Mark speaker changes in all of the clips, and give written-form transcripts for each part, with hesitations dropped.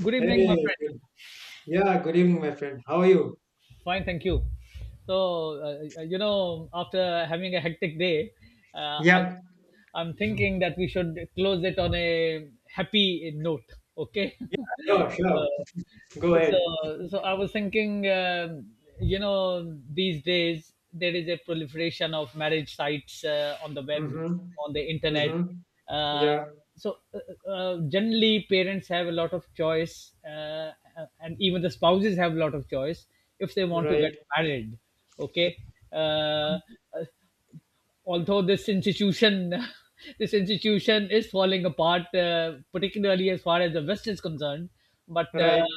Speaker 1: Good evening, my
Speaker 2: Hey,
Speaker 1: friend.
Speaker 2: good evening, my friend. How are you?
Speaker 1: Fine, thank you. So, you know, after having a hectic day, uh, I'm,
Speaker 2: Yep.
Speaker 1: I'm thinking that we should close it on a happy note. Okay.
Speaker 2: Sure, sure.
Speaker 1: uh,
Speaker 2: Go ahead.
Speaker 1: so so i was thinking you know these days there is a proliferation of marriage sites on the web
Speaker 2: Mm-hmm.
Speaker 1: on the internet.
Speaker 2: Mm-hmm.
Speaker 1: uh,
Speaker 2: Yeah,
Speaker 1: so uh, uh, generally parents have a lot of choice, and even the spouses have a lot of choice if they want to get
Speaker 2: right,
Speaker 1: married. Okay. uh, Although this institution this institution is falling apart, particularly as far as the west is concerned but uh,
Speaker 2: right,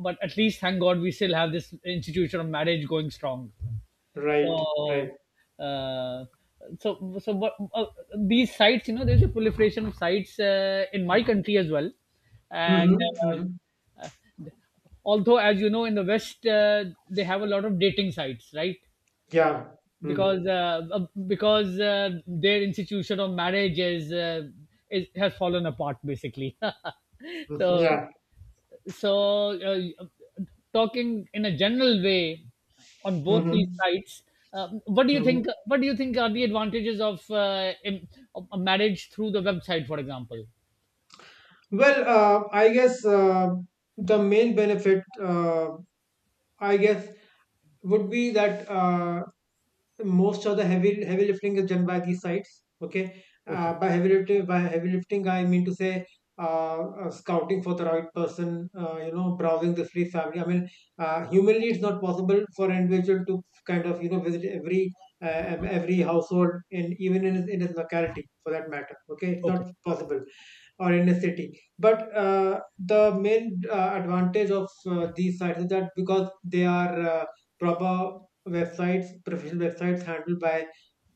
Speaker 1: but at least thank god we still have this institution of marriage going strong.
Speaker 2: right, right.
Speaker 1: So, uh, so what, these sites, you know, there's a proliferation of sites in my country as well. and
Speaker 2: Mm-hmm.
Speaker 1: um,
Speaker 2: Mm-hmm.
Speaker 1: uh, although as you know, in the west, they have a lot of dating sites, right?
Speaker 2: Yeah. Mm-hmm.
Speaker 1: Because their institution of marriage is has fallen apart, basically.
Speaker 2: Mm-hmm.
Speaker 1: so
Speaker 2: Yeah.
Speaker 1: so talking in a general way on both these
Speaker 2: Mm-hmm.
Speaker 1: sides, what do you
Speaker 2: Mm-hmm.
Speaker 1: think, what do you think are the advantages of of a marriage through the website, for example?
Speaker 2: Well, I guess, the main benefit, I guess, would be that most of the heavy lifting is done by these sites, okay.
Speaker 1: Okay.
Speaker 2: By heavy lifting, I mean to say, scouting for the right person, you know, browsing the free family, I mean, humanly it's not possible for an individual to kind of, you know, visit every, every household, and even in his locality for that matter, okay, it's not
Speaker 1: Okay. Okay.
Speaker 2: possible, or in a city. But the main advantage of these sites is that because they are proper websites, professional websites handled by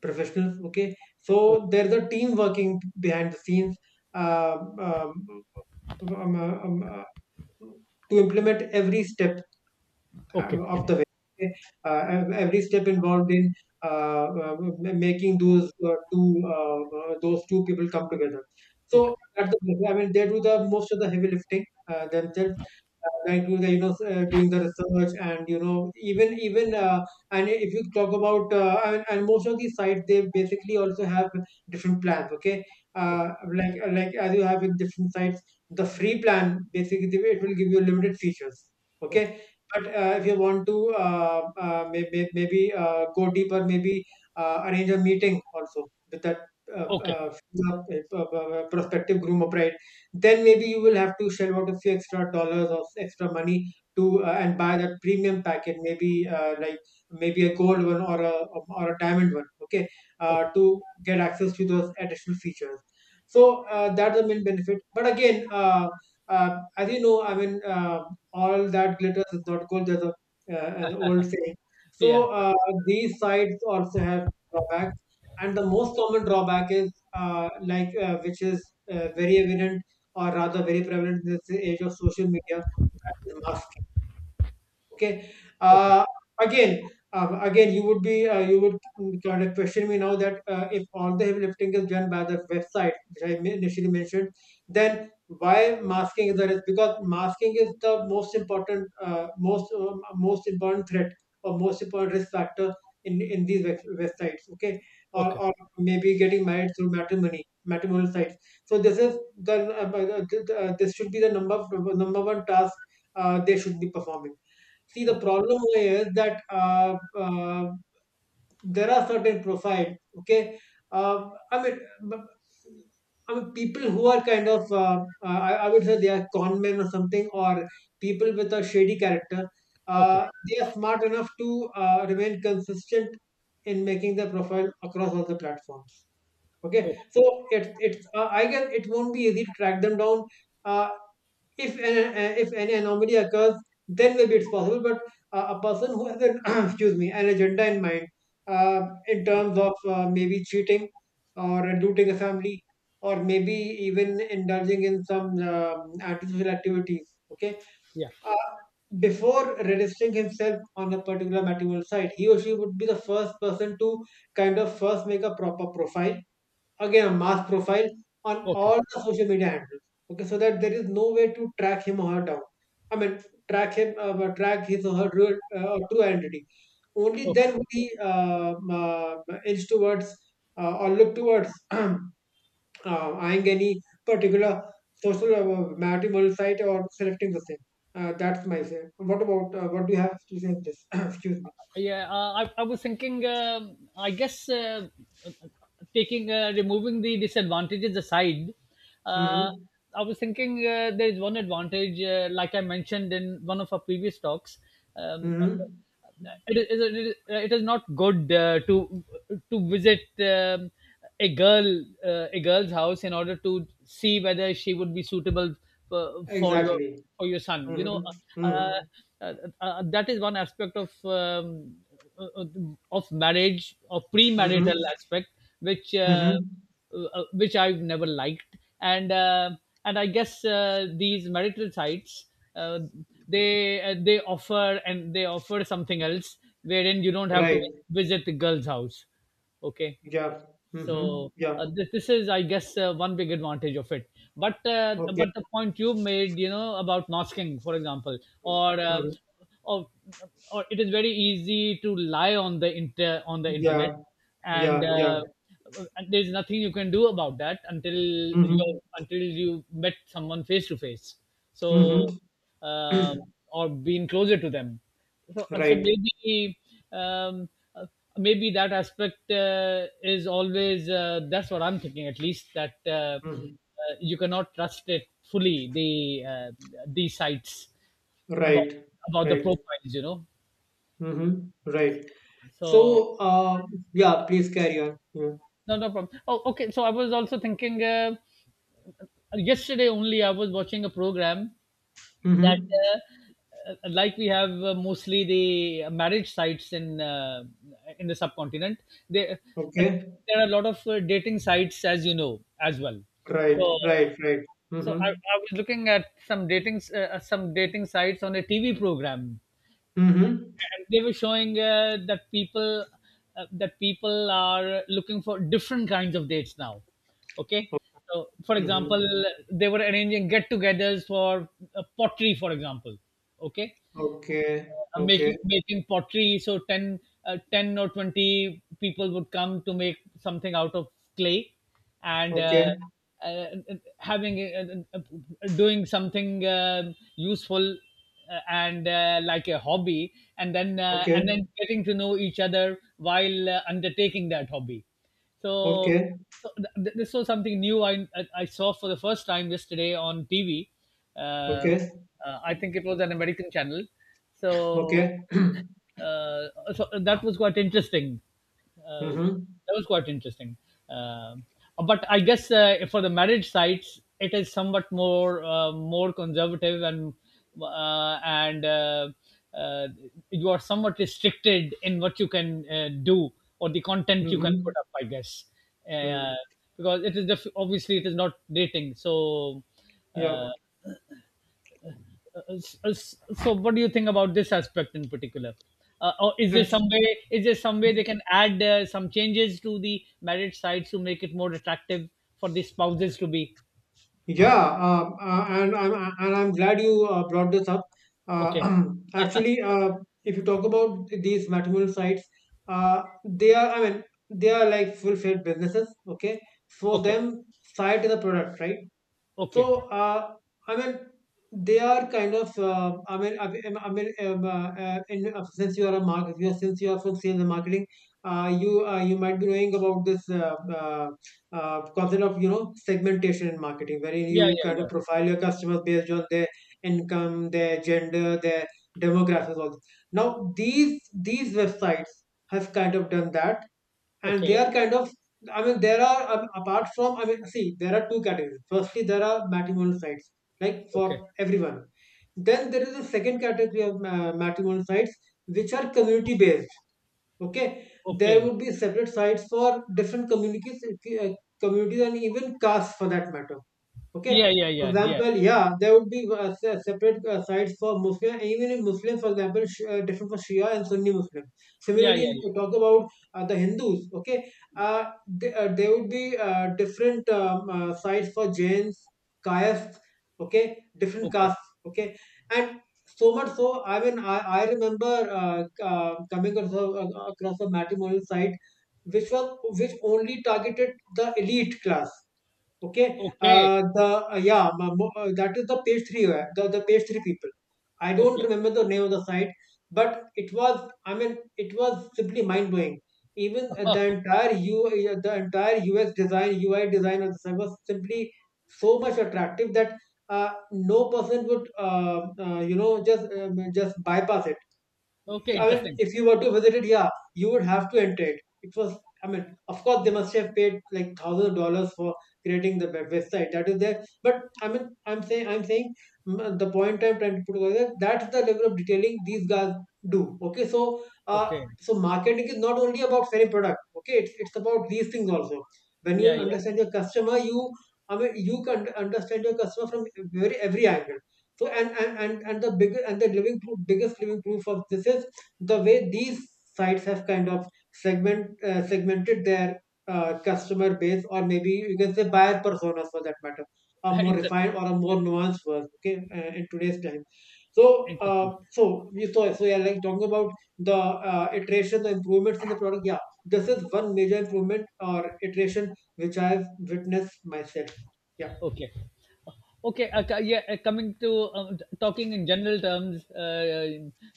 Speaker 2: professionals. Okay, so there's a team working behind the scenes, uh, um, um, um, uh, um, uh, to implement every step of
Speaker 1: Okay.
Speaker 2: the way. Uh, every step involved in uh, uh, making those two people come together.
Speaker 1: Okay.
Speaker 2: So I mean, they do the most of the heavy lifting themselves. They do the, you know, doing the research, and you know, even and if you talk about, and most of these sites, they basically also have different plans. Okay, uh,
Speaker 1: Okay.
Speaker 2: like like as you have in different sites, the free plan basically it will give you limited features. Okay, but if you want to, maybe go deeper, maybe arrange a meeting also with that,
Speaker 1: Okay.
Speaker 2: uh,
Speaker 1: Okay. Okay.
Speaker 2: uh, prospective groom bride. Then maybe you will have to shell out a few extra dollars or extra money to, and buy that premium packet. Maybe, like maybe a gold one, or a diamond one. Okay,
Speaker 1: Okay.
Speaker 2: to get access to those additional features. So that's the main benefit. But again, as you know, I mean. All that glitters is not gold. An old saying.
Speaker 1: Yeah.
Speaker 2: So these sites also have drawbacks, and the most common drawback is, which is very evident, or rather very prevalent in this age of social media, that is masking. Okay.
Speaker 1: Okay.
Speaker 2: Uh, Again, you would be, you would kind of question me now that, if all the heavy lifting is done by the website, which initially mentioned, then why masking is the risk? Because masking is the most important, most important threat, or most important risk factor in websites. Okay, or
Speaker 1: Okay.
Speaker 2: or maybe getting married through matrimonial sites. So this is the, this should be the number one task they should be performing. See, the
Speaker 1: Okay.
Speaker 2: problem here is that, there are certain profiles, okay? I mean, b- I mean, people who are kind of, I would say they are con men or something, or people with a shady character,
Speaker 1: Okay.
Speaker 2: they are smart enough to remain consistent in making their profile across all the platforms.
Speaker 1: Okay.
Speaker 2: Okay, so it's I guess it won't be easy to track them down. Uh, if an if any anomaly occurs, then maybe it's possible, but a person who has an excuse me an agenda in mind, uh, in terms of, maybe cheating, or looting a family, or maybe even indulging in some antisocial activities, okay,
Speaker 1: Yeah.
Speaker 2: uh, before registering himself on a particular matrimonial site, he or she would be the first person to kind of first make a proper profile, again a mass profile, on
Speaker 1: Okay.
Speaker 2: all the social media handles. Okay, so that there is no way to track him or her down. I mean, track him, track his or her real, true identity. Only
Speaker 1: Okay.
Speaker 2: then will he, edge towards, or look towards, eyeing any particular social matrimonial site or selecting the same. That's my say. What about, what do you have to say on this? Excuse me.
Speaker 1: Yeah, I was thinking, I guess, taking removing the disadvantages aside, uh,
Speaker 2: Hmm.
Speaker 1: I was thinking there is one advantage, like I mentioned in one of our previous talks. Um, uh,
Speaker 2: Hmm.
Speaker 1: it is not good to visit, a girl, a girl's house in order to see whether she would be suitable for, for your
Speaker 2: Exactly.
Speaker 1: for your son, you
Speaker 2: Hmm.
Speaker 1: know.
Speaker 2: Hmm.
Speaker 1: uh, uh, that is one aspect of, uh, of marriage or premarital
Speaker 2: Hmm.
Speaker 1: aspect, which uh,
Speaker 2: Mhm.
Speaker 1: which I've never liked. And I guess these marital sites, uh, they offer something else wherein you don't have to
Speaker 2: Right.
Speaker 1: visit the girl's house. Okay.
Speaker 2: Yeah. Mhm.
Speaker 1: so
Speaker 2: Yeah.
Speaker 1: uh, this, this is, I guess, one big advantage of it. But uh,
Speaker 2: Okay.
Speaker 1: but the point you made, you know, about masking, for example, or uh,
Speaker 2: Mhm.
Speaker 1: or or it is very easy to lie on the internet,
Speaker 2: Yeah.
Speaker 1: and.
Speaker 2: Yeah. Yeah.
Speaker 1: Uh, and there's nothing you can do about that until
Speaker 2: Mhm.
Speaker 1: you until you met someone face to face.
Speaker 2: Mhm.
Speaker 1: So, um, or being closer to them. So, so
Speaker 2: Right.
Speaker 1: maybe um, uh, maybe that aspect is always, that's what I'm thinking at least, that
Speaker 2: Mhm.
Speaker 1: you cannot trust it fully, the, uh, these sites about
Speaker 2: Right.
Speaker 1: about the
Speaker 2: Right.
Speaker 1: profiles, you know.
Speaker 2: Mhm. Right.
Speaker 1: So.
Speaker 2: So, yeah, please carry on. Yeah.
Speaker 1: No, no problem. Oh, okay. So I was also thinking, yesterday only I was watching a program, that,
Speaker 2: Mhm.
Speaker 1: like we have mostly the marriage sites in, in the subcontinent, they,
Speaker 2: Okay.
Speaker 1: there are a lot of dating sites, as you know, as well.
Speaker 2: Right.
Speaker 1: so
Speaker 2: Right. Right.
Speaker 1: so i,
Speaker 2: Mhm.
Speaker 1: I was looking at some some dating sites on a TV program,
Speaker 2: Mhm.
Speaker 1: and they were showing that people are looking for different kinds of dates now. Okay. So for
Speaker 2: Mm-hmm.
Speaker 1: example, they were arranging get-togethers for, pottery for example. Okay.
Speaker 2: Okay.
Speaker 1: uh,
Speaker 2: Okay.
Speaker 1: making making pottery. So 10, 10 or 20 people would come to make something out of clay. and uh,
Speaker 2: Okay.
Speaker 1: uh, having uh, uh, uh, doing something useful, and like a hobby, and
Speaker 2: Okay.
Speaker 1: then getting to know each other while undertaking that hobby. So,
Speaker 2: Okay.
Speaker 1: so th- this was something new I saw for the first time yesterday on TV. Uh, uh,
Speaker 2: Okay.
Speaker 1: I think it was an American channel. So
Speaker 2: Okay.
Speaker 1: uh, that was quite interesting. Uh,
Speaker 2: Mm-hmm.
Speaker 1: that was quite interesting. Um but I guess, for the marriage sites, it is somewhat more, more conservative, and uh, you are somewhat restricted in what you can do or the content you can
Speaker 2: Mm-hmm.
Speaker 1: put up, I guess.
Speaker 2: Mm.
Speaker 1: uh, because it is obviously it is not dating, so,
Speaker 2: Yeah.
Speaker 1: uh, S- so what do you think about this aspect in particular? Or is there some way, is there some way they can add some changes to the marriage sites to make it more attractive for the spouses to be?
Speaker 2: Yeah, and I'm glad you brought this up.
Speaker 1: Okay.
Speaker 2: Uh, Actually, if you talk about these matrimonial sites, they are I mean they are like full-fledged businesses. Okay, for
Speaker 1: Okay.
Speaker 2: them, site is a product, right?
Speaker 1: Okay.
Speaker 2: So, I mean, they are kind of. I mean, I mean, I mean in, Since you are a market, since you are from sales and marketing, you you might be knowing about this, concept of, you know, segmentation in marketing, wherein
Speaker 1: Yeah,
Speaker 2: you
Speaker 1: yeah,
Speaker 2: kind of
Speaker 1: yeah.
Speaker 2: profile your customers based on their income, their gender, their demographics. All this. Now, these websites have kind of done that, and
Speaker 1: Okay.
Speaker 2: they are kind of, I mean there are apart from I mean see, there are two categories. Firstly, there are matrimonial sites like for
Speaker 1: Okay.
Speaker 2: everyone. Then there is a second category of matrimonial sites which are community based. Okay, there
Speaker 1: Okay.
Speaker 2: would be separate sites for different communities, uh, communities and even castes for that matter.
Speaker 1: Yeah,
Speaker 2: Okay.
Speaker 1: yeah,
Speaker 2: For
Speaker 1: yeah, yeah,
Speaker 2: example, yeah, there would be separate sites for Muslim, even in Muslims, for example, different for Shia and Sunni Muslim.
Speaker 1: yeah, yeah,
Speaker 2: Similarly, in, to
Speaker 1: yeah.
Speaker 2: talk about the Hindus, okay, there would be different sites for Jains, Kayasts, okay, different
Speaker 1: Okay.
Speaker 2: castes, okay, and so much so, I mean, I remember coming across across a matrimonial site which was which only targeted the elite class. Okay,
Speaker 1: Okay.
Speaker 2: the yeah, that is the page three, the page three people. I don't
Speaker 1: Okay.
Speaker 2: remember the name of the site, but it was, I mean, it was simply mind blowing. Even the entire yeah, the entire UX design, UI design of the site was simply so much attractive that no person would, you know, just bypass it.
Speaker 1: Okay,
Speaker 2: Yeah, I mean,
Speaker 1: interesting.
Speaker 2: if you were to visit it, yeah, you would have to enter it. It was, I mean, of course, they must have paid like thousands of dollars for creating the website that is there. But I mean, I'm saying, the point I'm trying to put over there, that's the level of detailing these guys do. Okay, so,
Speaker 1: Okay.
Speaker 2: so marketing is not only about selling product. Okay, it's about these things also. When
Speaker 1: Yeah,
Speaker 2: you
Speaker 1: yeah.
Speaker 2: understand your customer, you, I mean, you can understand your customer from very every angle. So and the bigger and the living proof, biggest living proof of this is the way these sites have kind of segmented their customer base, or maybe you can say buyer personas for that matter, a more
Speaker 1: Interesting.
Speaker 2: refined or a more nuanced one, okay, in today's time. So
Speaker 1: Interesting.
Speaker 2: so we saw, so yeah, like talking about the iteration, the improvements in the product, yeah, this is one major improvement or iteration which I've witnessed myself, yeah.
Speaker 1: Okay. Okay, yeah, coming to, talking in general terms,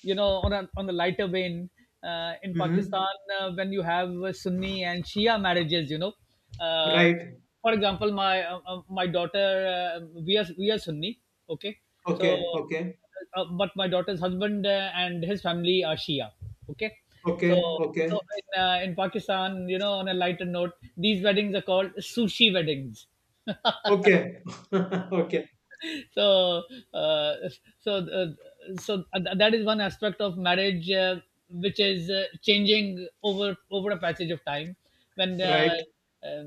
Speaker 1: you know, on a lighter vein, in
Speaker 2: Mm-hmm.
Speaker 1: Pakistan, when you have Sunni and Shia marriages, you know, uh,
Speaker 2: Right.
Speaker 1: for example, my my daughter, uh, we are Sunni, okay, so,
Speaker 2: Okay, okay,
Speaker 1: but my daughter's husband and his family are Shia, okay, so,
Speaker 2: okay, okay,
Speaker 1: so in Pakistan, you know, on a lighter note, these weddings are called sushi weddings.
Speaker 2: okay. Okay.
Speaker 1: So, uh, so uh, so that is one aspect of marriage, which is changing over over a passage of time, when
Speaker 2: Right.
Speaker 1: uh,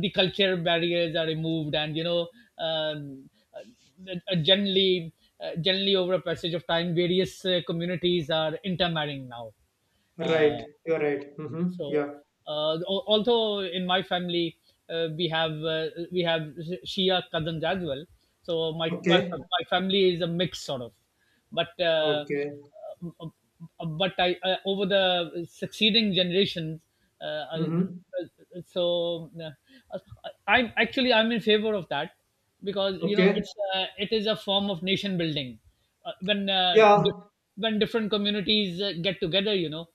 Speaker 1: the culture barriers are removed, and you know, um, uh, uh, generally generally, over a passage of time, various communities are intermarrying now,
Speaker 2: Right,
Speaker 1: uh,
Speaker 2: you're right. Mm-hmm.
Speaker 1: so,
Speaker 2: Yeah.
Speaker 1: although in my family, uh, we have Shia cousins as well, so my my, fa-
Speaker 2: Okay.
Speaker 1: my family is a mix sort of, but uh,
Speaker 2: Okay.
Speaker 1: but I, over the succeeding generations, uh, uh,
Speaker 2: Mm-hmm.
Speaker 1: so uh, I'm actually, I'm in favor of that, because you know,
Speaker 2: Okay.
Speaker 1: it's, it is a form of nation building, uh, when uh, di-
Speaker 2: Yeah.
Speaker 1: when different communities get together, you know,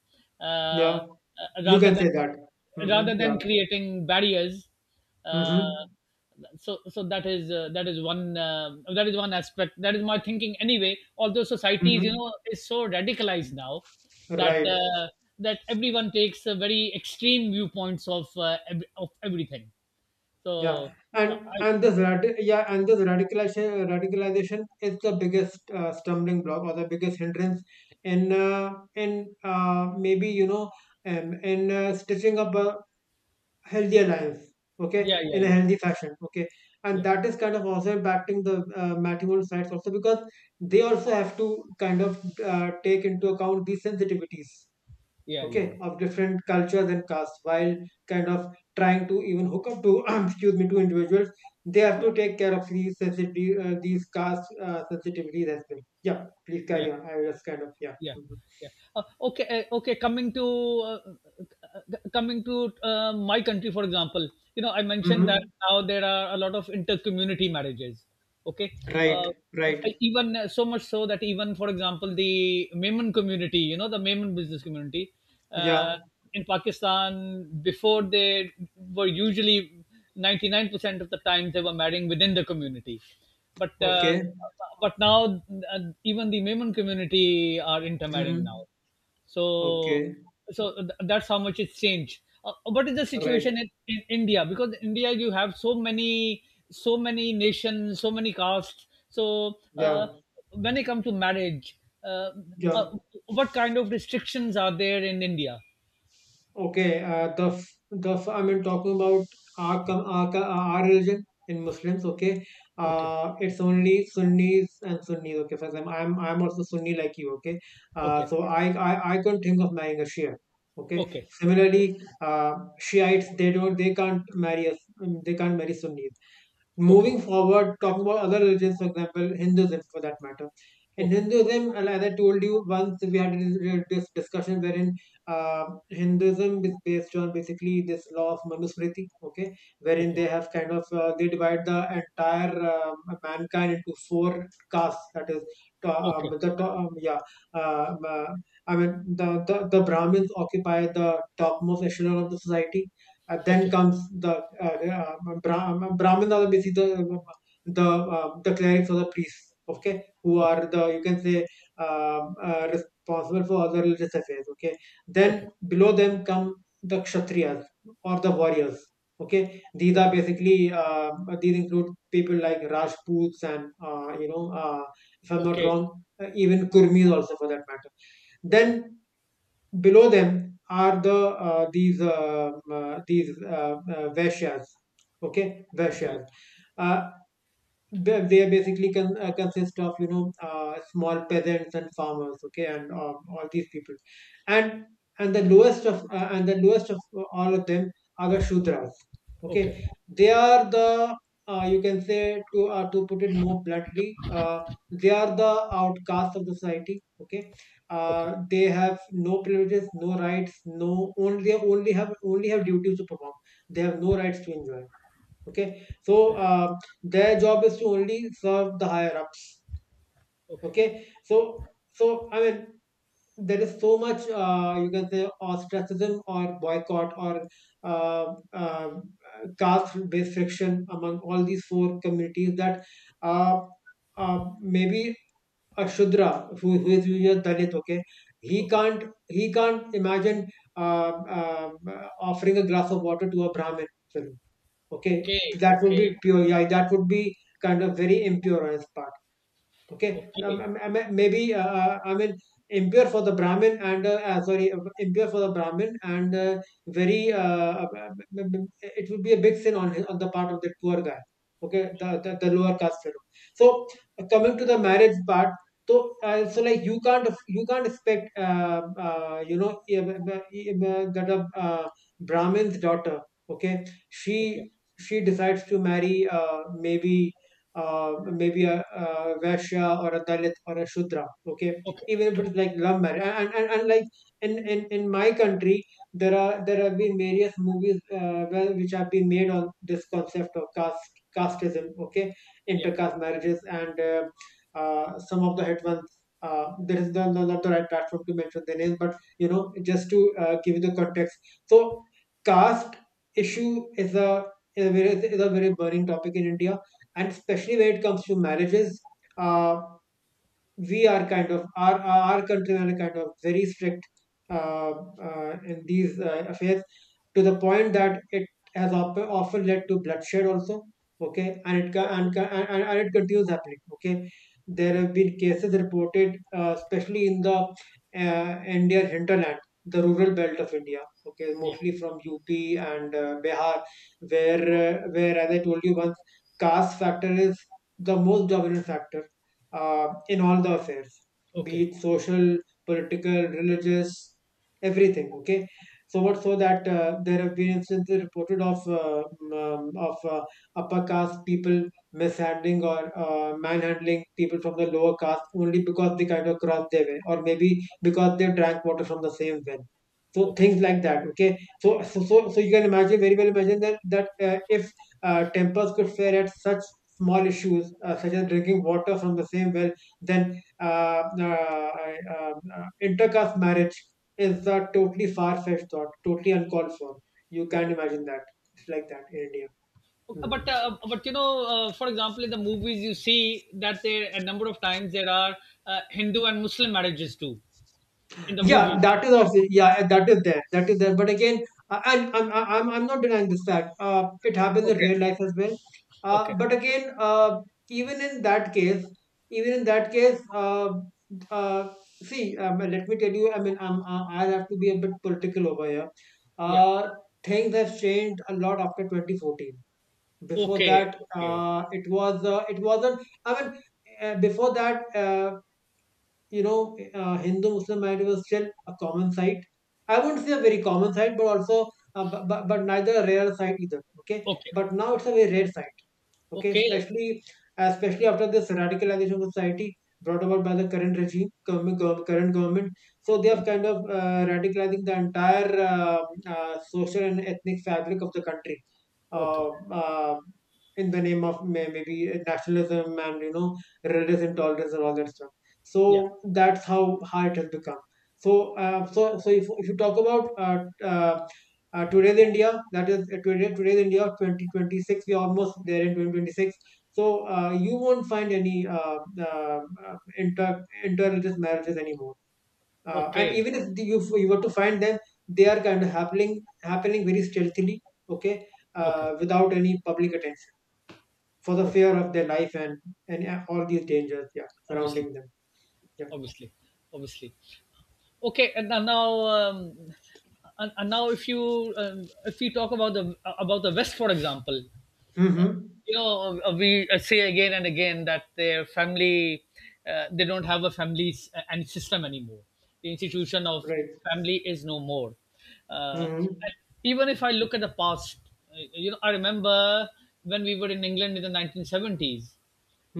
Speaker 2: Yeah.
Speaker 1: uh, uh,
Speaker 2: You
Speaker 1: rather
Speaker 2: can say that.
Speaker 1: than
Speaker 2: Mm-hmm.
Speaker 1: rather
Speaker 2: Yeah.
Speaker 1: than creating barriers, uh,
Speaker 2: Mm-hmm.
Speaker 1: so that is, that is one aspect. That is my thinking, anyway. Although societies, you
Speaker 2: Mm-hmm.
Speaker 1: know, is so radicalized now that
Speaker 2: Right.
Speaker 1: that everyone takes very extreme viewpoints of, of everything. So,
Speaker 2: Yeah.
Speaker 1: uh,
Speaker 2: And
Speaker 1: I,
Speaker 2: and this yeah, and this radicalization is the biggest stumbling block or the biggest hindrance in maybe, you know, in stitching up a healthier life,
Speaker 1: yeah,
Speaker 2: okay,
Speaker 1: yeah,
Speaker 2: in a
Speaker 1: yeah,
Speaker 2: healthy fashion, okay, and
Speaker 1: yeah,
Speaker 2: that is kind of also impacting the matrimonial sites also, because they also have to kind of take into account these sensitivities,
Speaker 1: yeah, yeah, yeah,
Speaker 2: okay, of different cultures and castes, while kind of trying to even hook up to excuse me to individuals. They have
Speaker 1: yeah,
Speaker 2: to take care of these sensitivity these caste sensitivities as well, yeah, please
Speaker 1: yeah,
Speaker 2: carry on, I will just kind of yeah.
Speaker 1: yeah,
Speaker 2: Mhm.
Speaker 1: yeah. Okay, okay, coming to, uh, my country, for example, you know, I mentioned that
Speaker 2: Mm-hmm.
Speaker 1: now there are a lot of inter-community marriages. Okay. uh,
Speaker 2: Right, right.
Speaker 1: Even, so much so that even, for example, the Memon community, you know, the Memon business community, uh,
Speaker 2: Yeah,
Speaker 1: in Pakistan, before, they were usually 99% of the time they were marrying within the community, but uh,
Speaker 2: okay.
Speaker 1: but now, even the Memon community are intermarrying now.
Speaker 2: Mm-hmm.
Speaker 1: So,
Speaker 2: Okay,
Speaker 1: that's how much it's changed. What is the
Speaker 2: right.
Speaker 1: situation in India? Because India, you have so many, so many nations, so many castes. So,
Speaker 2: Yeah,
Speaker 1: when it comes to marriage, uh,
Speaker 2: yeah.
Speaker 1: what kind of restrictions are there in India?
Speaker 2: Okay. I mean talking about our com- our, co- our religion in Muslims. Okay.
Speaker 1: Okay,
Speaker 2: It's only Sunnis and Sunnis. Okay. For example, I'm also Sunni like you. Okay.
Speaker 1: okay,
Speaker 2: So I couldn't think of marrying a Shia. Okay.
Speaker 1: okay,
Speaker 2: Similarly, Shiites, they can't marry us. They can't marry Sunnis.
Speaker 1: okay,
Speaker 2: Moving forward, talking about other religions, for example, Hinduism for that matter. In
Speaker 1: okay,
Speaker 2: Hinduism, and as I told you once, we had this discussion wherein uh, Hinduism is based on basically this law of Manusmriti, okay, wherein
Speaker 1: okay,
Speaker 2: they have kind of they divide the entire mankind into 4 castes. That is, to,
Speaker 1: okay,
Speaker 2: the to, yeah, um, uh, I mean the Brahmins occupy the topmost echelon of the society. Then
Speaker 1: okay, okay,
Speaker 2: comes the Brahmins are basically the the clerics or the priests, okay, who
Speaker 1: okay,
Speaker 2: are the, you can say, responsible for all the religious affairs, okay. Then below them come the kshatriyas or the warriors, okay. These are
Speaker 1: okay, okay,
Speaker 2: basically these include people like Rajputs and if I'm not
Speaker 1: okay,
Speaker 2: wrong, even Kurmis also for that matter.
Speaker 1: okay.
Speaker 2: Then below them are the these vaishyas. Okay,
Speaker 1: Okay,
Speaker 2: vaishyas. Uh, they basically can consist of, small peasants and farmers, okay, and all these people, and and the lowest of all of them are the shudras, okay.
Speaker 1: okay,
Speaker 2: They are the, you can say, to put it more bluntly, they are the outcasts of the society, okay.
Speaker 1: okay,
Speaker 2: They have no privileges, no rights, no, only have duties to perform. They have no rights to enjoy, okay.
Speaker 1: okay,
Speaker 2: Their job is to only serve the higher ups
Speaker 1: okay,
Speaker 2: okay. I mean, there is so much, you can say, ostracism or boycott or uh, uh, caste based friction among all these four communities, that uh, maybe a shudra, who is usually a dalit, okay,
Speaker 1: okay,
Speaker 2: he can't imagine uh, uh, offering a glass of water to a brahmin. Okay,
Speaker 1: okay,
Speaker 2: that would be
Speaker 1: okay,
Speaker 2: pure. Yeah, that would be kind of very impure on his part. Okay, now,
Speaker 1: okay,
Speaker 2: m- maybe I mean, impure for the Brahmin and sorry, impure for the Brahmin and very it would be a big sin on the part of the poor guy. Okay, the the lower caste fellow. So coming to the marriage part, so like, you can't expect uh, you know eh, eh, that a, Brahmin's daughter. Okay,
Speaker 1: okay, okay,
Speaker 2: she decides to marry, maybe maybe a Vaishya or a Dalit or a Shudra. Okay,
Speaker 1: okay,
Speaker 2: even if it's like love marriage, and like in, in my country, there have been various movies, which have been made on this concept of casteism. Okay,
Speaker 1: yeah,
Speaker 2: intercaste marriages and some of the hit ones. There is the, no, not the right platform to mention the names, but, you know, just to give you the context. So, caste issue is a, is a very burning topic in India, and especially when it comes to marriages. uh, we are kind of, our countries are kind of very strict uh, in these
Speaker 1: right,
Speaker 2: affairs, to the point that it has often led to bloodshed also, okay. And it ca-
Speaker 1: yeah,
Speaker 2: and, ca- and it continues happening, okay. There
Speaker 1: yeah, right,
Speaker 2: have been cases reported, especially in the Indian hinterland, the rural belt of India, okay.
Speaker 1: yeah,
Speaker 2: Mostly from UP and Bihar, where, where, as I told you once, caste factor is the most dominant factor in all the affairs, be
Speaker 1: okay,
Speaker 2: it social, political, religious, everything. Okay, so much so that there have been instances reported of um, of uh, upper caste people mishandling or manhandling people from the lower caste only because they kind of crossed their way, or maybe because they drank water from the same well. So
Speaker 1: okay,
Speaker 2: things like that. Okay, so you can imagine, very well imagine, that if tempers could fare at such small issues such as drinking water from the same well, then uh, uh, intercaste marriage is a totally far fetched thought, totally uncalled for. You can't
Speaker 1: okay.
Speaker 2: imagine that. It's like that in India.
Speaker 1: Okay.
Speaker 2: Mhm.
Speaker 1: But you know, for example, in the movies, you see that there a number of times there are Hindu and Muslim marriages too, in the
Speaker 2: Yeah,
Speaker 1: movies.
Speaker 2: that is also, yeah, that is there. That is there. But again, I'm not denying this fact. It happens in
Speaker 1: Okay,
Speaker 2: real life as well.
Speaker 1: okay,
Speaker 2: But again, even in that case, even in that case, uh, uh, see, let me tell you. I mean, I- I'll have to be a bit political over here.
Speaker 1: yeah,
Speaker 2: Uh, Things have changed a lot after 2014. Before
Speaker 1: okay,
Speaker 2: that,
Speaker 1: okay,
Speaker 2: it wasn't. I mean, before that, Hindu Muslim marriage was still a common sight. I wouldn't say a very common sight, but also, but neither a rare sight either. Okay.
Speaker 1: okay,
Speaker 2: But now it's a
Speaker 1: okay,
Speaker 2: very rare sight, okay,
Speaker 1: okay,
Speaker 2: especially after this radicalization of society brought about by the current government. So they
Speaker 1: okay,
Speaker 2: have kind of radicalizing the entire social and ethnic fabric of the country
Speaker 1: okay,
Speaker 2: uh, uh, in the name of, maybe, nationalism, and, you know, religious intolerance and all that stuff. So
Speaker 1: yeah,
Speaker 2: that's how hard it has become. So if you talk about today's India, that is, today's India of 2026, we're almost there in 2026. So you won't find any interreligious marriages anymore. And
Speaker 1: okay,
Speaker 2: even if you were to find them, they are kind of happening very stealthily, okay,
Speaker 1: okay,
Speaker 2: without any public attention, for the
Speaker 1: okay.
Speaker 2: fear of their life and all these dangers, yeah,
Speaker 1: Obviously,
Speaker 2: surrounding them. Yeah.
Speaker 1: obviously, obviously. Okay. And now, now, and now, if you, if we talk about the, about the West, for example,
Speaker 2: Mm-hmm.
Speaker 1: you know, we say again and again that their family, they don't have a family s- and system anymore. The institution of
Speaker 2: Right.
Speaker 1: family is no more. Uh,
Speaker 2: Mm-hmm.
Speaker 1: and even if I look at the past, you know, I remember when we were in England in the 1970s.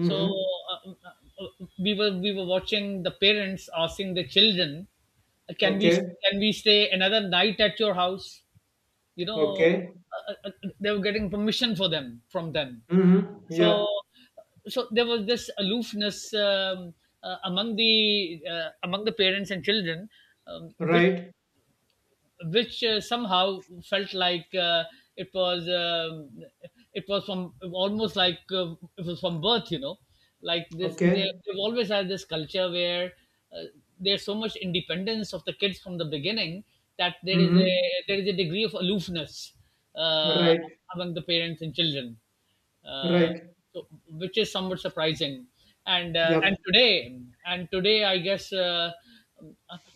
Speaker 1: So, uh, uh, uh, we were watching the parents asking the children, Can we,
Speaker 2: Okay.
Speaker 1: can we stay another night at your house?" You know,
Speaker 2: Okay.
Speaker 1: they were getting permission for them from them.
Speaker 2: Mm-hmm. Yeah.
Speaker 1: So, so there was this aloofness, among the, among the parents and children, um, which
Speaker 2: Right.
Speaker 1: which somehow felt like, it was, it was from almost like, it was from birth, you know, like this, they,
Speaker 2: Okay.
Speaker 1: they've always had this culture where, uh, there's so much independence of the kids from the beginning, that there is
Speaker 2: Mm-hmm.
Speaker 1: a, there is a degree of aloofness, uh,
Speaker 2: Right.
Speaker 1: among the parents and children, uh,
Speaker 2: Right.
Speaker 1: so which is somewhat surprising. And uh,
Speaker 2: Yep.
Speaker 1: and today and today, I guess,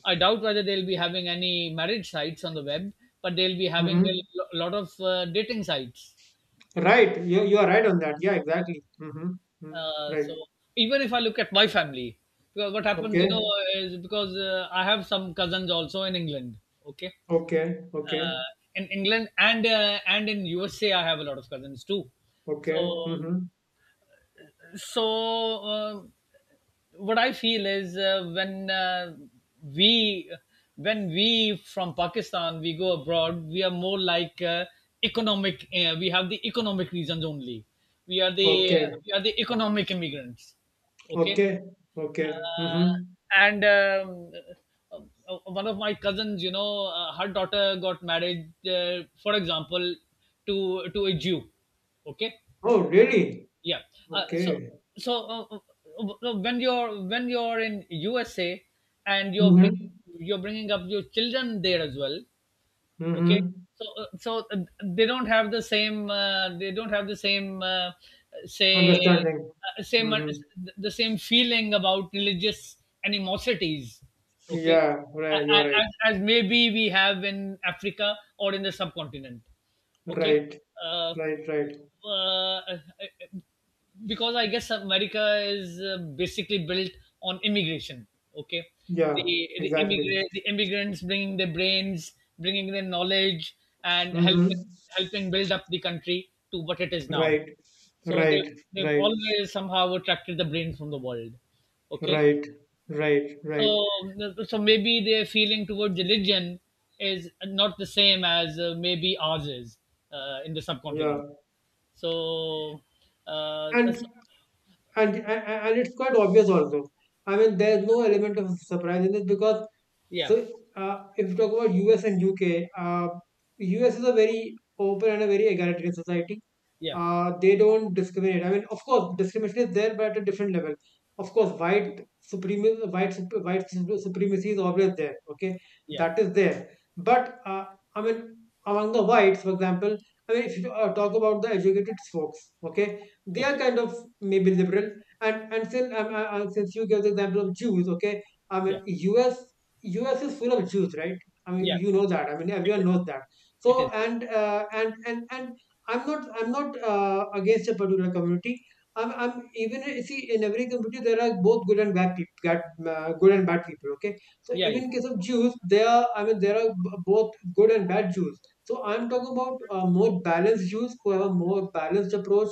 Speaker 1: I doubt whether they'll be having any marriage sites on the web, but they'll be having
Speaker 2: Mm-hmm.
Speaker 1: lot of dating sites.
Speaker 2: Right. You are right on that. Yeah, exactly. Mm-hmm. Mm.
Speaker 1: Uh,
Speaker 2: Right.
Speaker 1: so Even if I look at my family, because what happens, you know,
Speaker 2: Okay.
Speaker 1: is because I have some cousins also in England. Okay,
Speaker 2: Okay. Okay.
Speaker 1: uh, in England and in USA, I have a lot of cousins too.
Speaker 2: Okay.
Speaker 1: So
Speaker 2: Mm-hmm.
Speaker 1: so what I feel is when we we from Pakistan we go abroad, we are more like economic. We have the economic reasons only. We are the
Speaker 2: Okay.
Speaker 1: we are the economic immigrants. Okay,
Speaker 2: Okay. Okay.
Speaker 1: uh,
Speaker 2: Mm-hmm.
Speaker 1: and uh, one of my cousins, her daughter got married, for example, to a Jew. Okay,
Speaker 2: Oh, really?
Speaker 1: yeah. Uh, so
Speaker 2: Okay.
Speaker 1: so uh, uh, when you're in USA and
Speaker 2: Mm-hmm.
Speaker 1: you're bringing up your children there as well. Okay.
Speaker 2: Mm-hmm.
Speaker 1: They don't have they don't have the same say
Speaker 2: Understanding.
Speaker 1: same
Speaker 2: Mm-hmm.
Speaker 1: the same feeling about religious animosities. Okay.
Speaker 2: Yeah.
Speaker 1: A- a-
Speaker 2: Right. You are right.
Speaker 1: As maybe we have in Africa or in the subcontinent, okay,
Speaker 2: Right.
Speaker 1: uh,
Speaker 2: Right. Right.
Speaker 1: uh, because I guess America is basically built on immigration. Okay, the
Speaker 2: Yeah. Exactly.
Speaker 1: the immigrants bringing their brains, bringing their knowledge, and
Speaker 2: Mm-hmm.
Speaker 1: helping build up the country to what it is now.
Speaker 2: Right.
Speaker 1: So
Speaker 2: Right.
Speaker 1: they've
Speaker 2: Right.
Speaker 1: always somehow attracted the brains from the world. Okay,
Speaker 2: Right, right, right.
Speaker 1: so so maybe their feeling towards religion is not the same as maybe ours is, in the
Speaker 2: Yeah,
Speaker 1: subcontinent. So, uh,
Speaker 2: and
Speaker 1: so
Speaker 2: and it's quite obvious also. I mean, there's no element of surprise in this because,
Speaker 1: yeah.
Speaker 2: so if you talk about US and UK, US is a very open and a very egalitarian society.
Speaker 1: Yeah,
Speaker 2: They don't discriminate. I mean, of course, discrimination is there, but at a different level. Of course, white supremacy, white supremacy is always there. Okay,
Speaker 1: yeah.
Speaker 2: that is there. But I mean, among the whites, for example, I mean, if you talk about the educated folks, okay, they are
Speaker 1: Okay.
Speaker 2: kind of maybe liberal. And since you gave the example of Jews, okay, I
Speaker 1: Yeah,
Speaker 2: mean, U. S. is full of Jews, right? I mean,
Speaker 1: yeah.
Speaker 2: you know that. I mean,
Speaker 1: It
Speaker 2: everyone
Speaker 1: is.
Speaker 2: knows that.
Speaker 1: It
Speaker 2: So
Speaker 1: is.
Speaker 2: and I'm not, against a particular community. I'm even See, in every community there are both good and bad people, good and bad people. Okay, so
Speaker 1: Yeah, yeah,
Speaker 2: even in case of Jews, there are, I mean, there are, both good and bad Jews. So I'm talking about more balanced Jews who have a more balanced approach,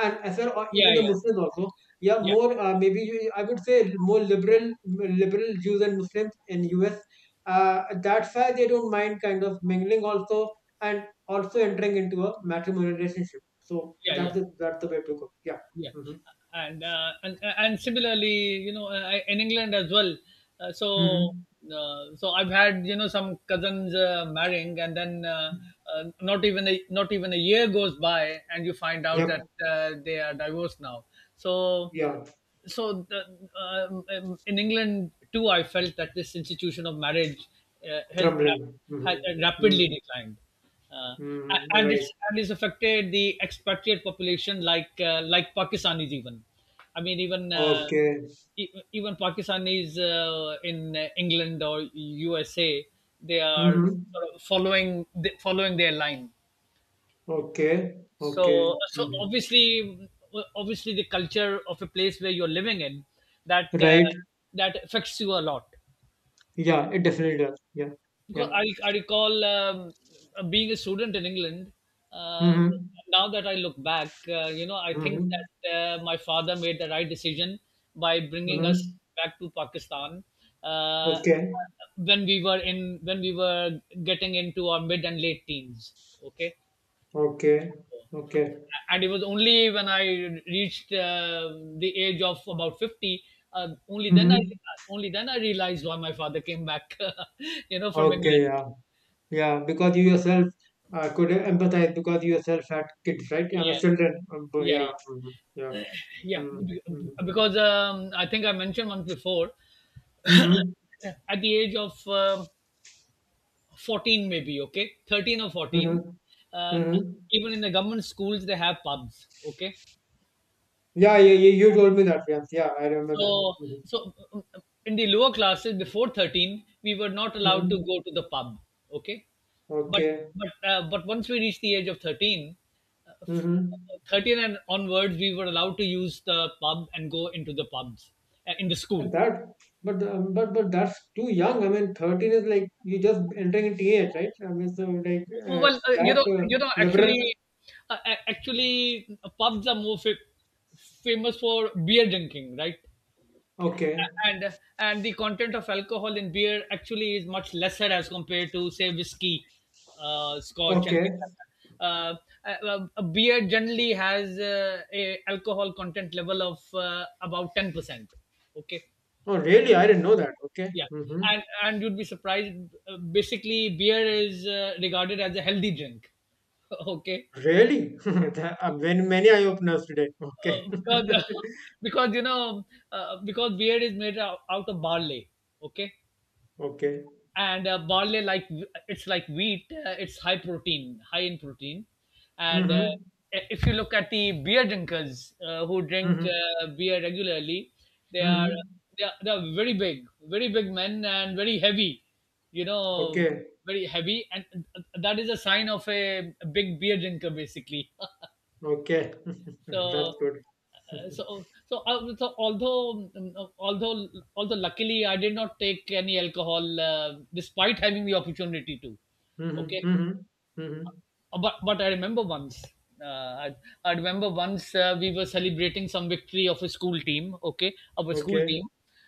Speaker 2: and as well, or even
Speaker 1: yeah,
Speaker 2: the
Speaker 1: yeah,
Speaker 2: Muslims also. Yeah,
Speaker 1: yeah,
Speaker 2: more, I would say more liberal Jews and Muslims in US. That's why they don't mind kind of mingling also and also entering into a matrimonial relationship. So
Speaker 1: yeah,
Speaker 2: that's
Speaker 1: yeah.
Speaker 2: the, that's the way to go. Yeah.
Speaker 1: Yeah,
Speaker 2: Mm-hmm.
Speaker 1: and and similarly, you know, in England as well. Uh, so
Speaker 2: Mm-hmm.
Speaker 1: so I've had, you know, some cousins marrying, and then not even a year goes by, and you find out
Speaker 2: Yep.
Speaker 1: that they are divorced now. So
Speaker 2: Yeah.
Speaker 1: so the, in England too, I felt that this institution of marriage uh, has
Speaker 2: Crumbling.
Speaker 1: rap- has
Speaker 2: Mm-hmm. Mm-hmm.
Speaker 1: rapidly declined, uh, a-
Speaker 2: Mm-hmm.
Speaker 1: and
Speaker 2: Right.
Speaker 1: it's and it's affected the expatriate population like Pakistanis even. I mean even
Speaker 2: Okay.
Speaker 1: even Pakistanis in England or USA, they are
Speaker 2: Mm-hmm.
Speaker 1: sort of following following their line.
Speaker 2: Okay. Okay.
Speaker 1: So so
Speaker 2: Mm-hmm.
Speaker 1: obviously Obviously the culture of a place where you're living in, that uh,
Speaker 2: Right.
Speaker 1: that affects you a lot.
Speaker 2: Yeah. It definitely does. Yeah.
Speaker 1: Because
Speaker 2: Yeah.
Speaker 1: I recall being a student in England. Uh,
Speaker 2: Mm-hmm.
Speaker 1: now that I look back, you know, I think
Speaker 2: Mm-hmm.
Speaker 1: that my father made the right decision by bringing
Speaker 2: Mm-hmm.
Speaker 1: us back to Pakistan uh,
Speaker 2: Okay.
Speaker 1: when we were in when we were getting into our mid and late teens. Okay,
Speaker 2: Okay. Okay.
Speaker 1: and it was only when I reached the age of about 50. Uh, only then I
Speaker 2: Mm-hmm.
Speaker 1: only then I realized why my father came back, you know, from England.
Speaker 2: Okay. Yeah. Yeah, because you yourself could empathize because you yourself had kids, right? I mean,
Speaker 1: Yeah,
Speaker 2: children. But
Speaker 1: yeah, yeah.
Speaker 2: yeah, mhm, yeah.
Speaker 1: Yeah,
Speaker 2: Mm-hmm.
Speaker 1: be-
Speaker 2: Mm-hmm.
Speaker 1: because I think I mentioned once before,
Speaker 2: Mm-hmm.
Speaker 1: at the age of 14, maybe, okay, 13 or
Speaker 2: Mm-hmm.
Speaker 1: 14, uh,
Speaker 2: Mm-hmm.
Speaker 1: even in the government schools, they have pubs, okay.
Speaker 2: Yeah, yeah, yeah, you told me that, yes. Yeah, I remember that.
Speaker 1: So,
Speaker 2: Mm-hmm.
Speaker 1: so um, in the lower classes before 13, we were not allowed to
Speaker 2: Mm-hmm.
Speaker 1: go to the pub, okay. But
Speaker 2: Okay.
Speaker 1: but once we reached the age of 13,
Speaker 2: Mm-hmm.
Speaker 1: 13 and onwards, we were allowed to use the pub and go into the pubs in the school.
Speaker 2: That, but that's too young. I mean, 13 is like you just entering a teenage, right? I mean, so like,
Speaker 1: Well,
Speaker 2: it's that
Speaker 1: you know,
Speaker 2: liberal.
Speaker 1: actually, actually, pubs are famous for beer drinking, right?
Speaker 2: Okay.
Speaker 1: And the content of alcohol in beer actually is much lesser as compared to say whiskey, scotch, and
Speaker 2: Okay.
Speaker 1: things like that. Beer generally has a alcohol content level of about 10%. Okay,
Speaker 2: Oh, really? I didn't know that. Okay.
Speaker 1: yeah,
Speaker 2: Mm-hmm.
Speaker 1: and you'd be surprised. Basically, beer is regarded as a healthy drink. Okay.
Speaker 2: Really? That- when many eye openers today. Okay.
Speaker 1: Because because you know, because beer is made out of barley, okay,
Speaker 2: Okay.
Speaker 1: and barley, like, it's like wheat, it's high protein high in protein, and
Speaker 2: Mm-hmm.
Speaker 1: if you look at the beer drinkers who drink
Speaker 2: Mm-hmm.
Speaker 1: beer regularly, they are
Speaker 2: Mm-hmm.
Speaker 1: they are very big, very big men, and very heavy, you know,
Speaker 2: Okay.
Speaker 1: very heavy, and that is a sign of a big beer drinker basically.
Speaker 2: Okay. That's
Speaker 1: So,
Speaker 2: good.
Speaker 1: uh, so, so, uh, so although, although luckily I did not take any alcohol, despite having the opportunity to.
Speaker 2: Mm-hmm.
Speaker 1: Okay.
Speaker 2: Mm-hmm. Mm-hmm.
Speaker 1: But I remember once. Uh, I, I remember once we were celebrating some victory of a school team. Okay, of a school
Speaker 2: Okay.
Speaker 1: team,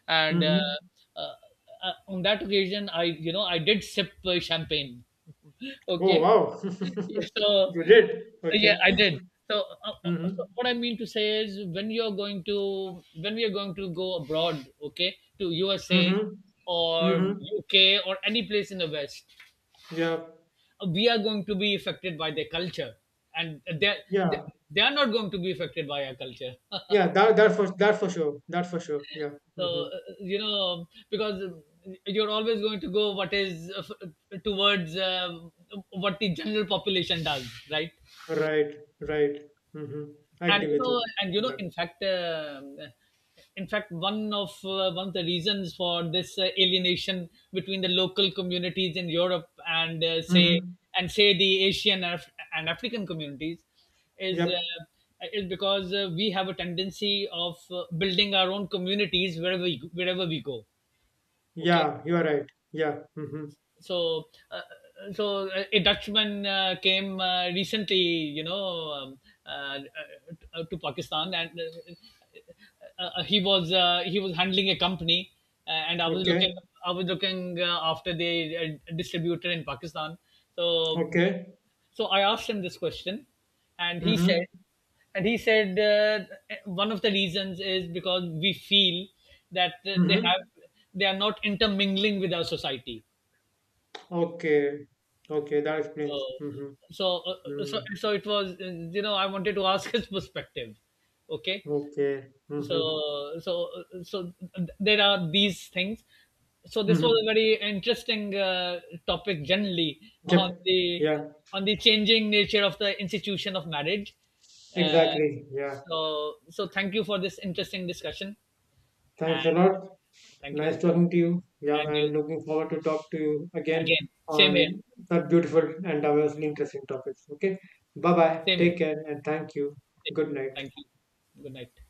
Speaker 1: and
Speaker 2: Mm-hmm.
Speaker 1: uh, on that occasion, I, you know, I did sip champagne.
Speaker 2: Oh
Speaker 1: Okay,
Speaker 2: wow.
Speaker 1: yeah, so
Speaker 2: You did.
Speaker 1: yeah,
Speaker 2: Okay.
Speaker 1: I did. So, uh, so
Speaker 2: Mm-hmm.
Speaker 1: what I mean to say is, when we are going to go abroad, okay, to USA
Speaker 2: Mm-hmm.
Speaker 1: or
Speaker 2: Mm-hmm.
Speaker 1: UK or any place in the West,
Speaker 2: Yeah.
Speaker 1: we are going to be affected by their culture, and they
Speaker 2: Yeah.
Speaker 1: they are not going to be affected by our culture.
Speaker 2: Yeah. That that for that for sure. That for sure. Yeah.
Speaker 1: So,
Speaker 2: Mm-hmm.
Speaker 1: you know, because you're always going to go what is towards what the general population does, right?
Speaker 2: Right. Right. Mm-hmm. I
Speaker 1: And
Speaker 2: agree with you
Speaker 1: you
Speaker 2: on
Speaker 1: know,
Speaker 2: that.
Speaker 1: in fact, one of the reasons for this alienation between the local communities in Europe and,
Speaker 2: Mm-hmm.
Speaker 1: say the Asian and African communities is
Speaker 2: Yep.
Speaker 1: uh, is because we have a tendency of building our own communities wherever wherever we go, okay.
Speaker 2: Yeah, you are right. Yeah. Mm-hmm.
Speaker 1: So a Dutchman came recently, you know, um, uh, to Pakistan, and he was handling a company, and I was looking,
Speaker 2: Okay.
Speaker 1: after the distributor in Pakistan. So
Speaker 2: Okay.
Speaker 1: I asked him this question, and he said,
Speaker 2: Mm-hmm.
Speaker 1: one of the reasons is because we feel that
Speaker 2: Mm-hmm.
Speaker 1: they are not intermingling with our society.
Speaker 2: Okay. Okay. That explains.
Speaker 1: So,
Speaker 2: Mm-hmm.
Speaker 1: so, so,
Speaker 2: Mm.
Speaker 1: so it was. You know, I wanted to ask his perspective. Okay,
Speaker 2: Okay. Mm-hmm.
Speaker 1: so, so, uh, so there are these things. So this was
Speaker 2: Mm-hmm.
Speaker 1: a very interesting topic generally on
Speaker 2: Yep.
Speaker 1: the
Speaker 2: Yeah.
Speaker 1: changing nature of the institution of marriage. Uh,
Speaker 2: Exactly. Yeah.
Speaker 1: so thank you for this interesting discussion,
Speaker 2: Thanks a
Speaker 1: and
Speaker 2: lot.
Speaker 1: thank
Speaker 2: Nice
Speaker 1: you,
Speaker 2: talking to you. Yeah.
Speaker 1: and you
Speaker 2: And looking forward to talk to you again
Speaker 1: again. Same here.
Speaker 2: on that beautiful and diversely interesting topics. Okay. Bye bye.
Speaker 1: Same here.
Speaker 2: Take care and thank you. Good night.
Speaker 1: Thank you. Good night.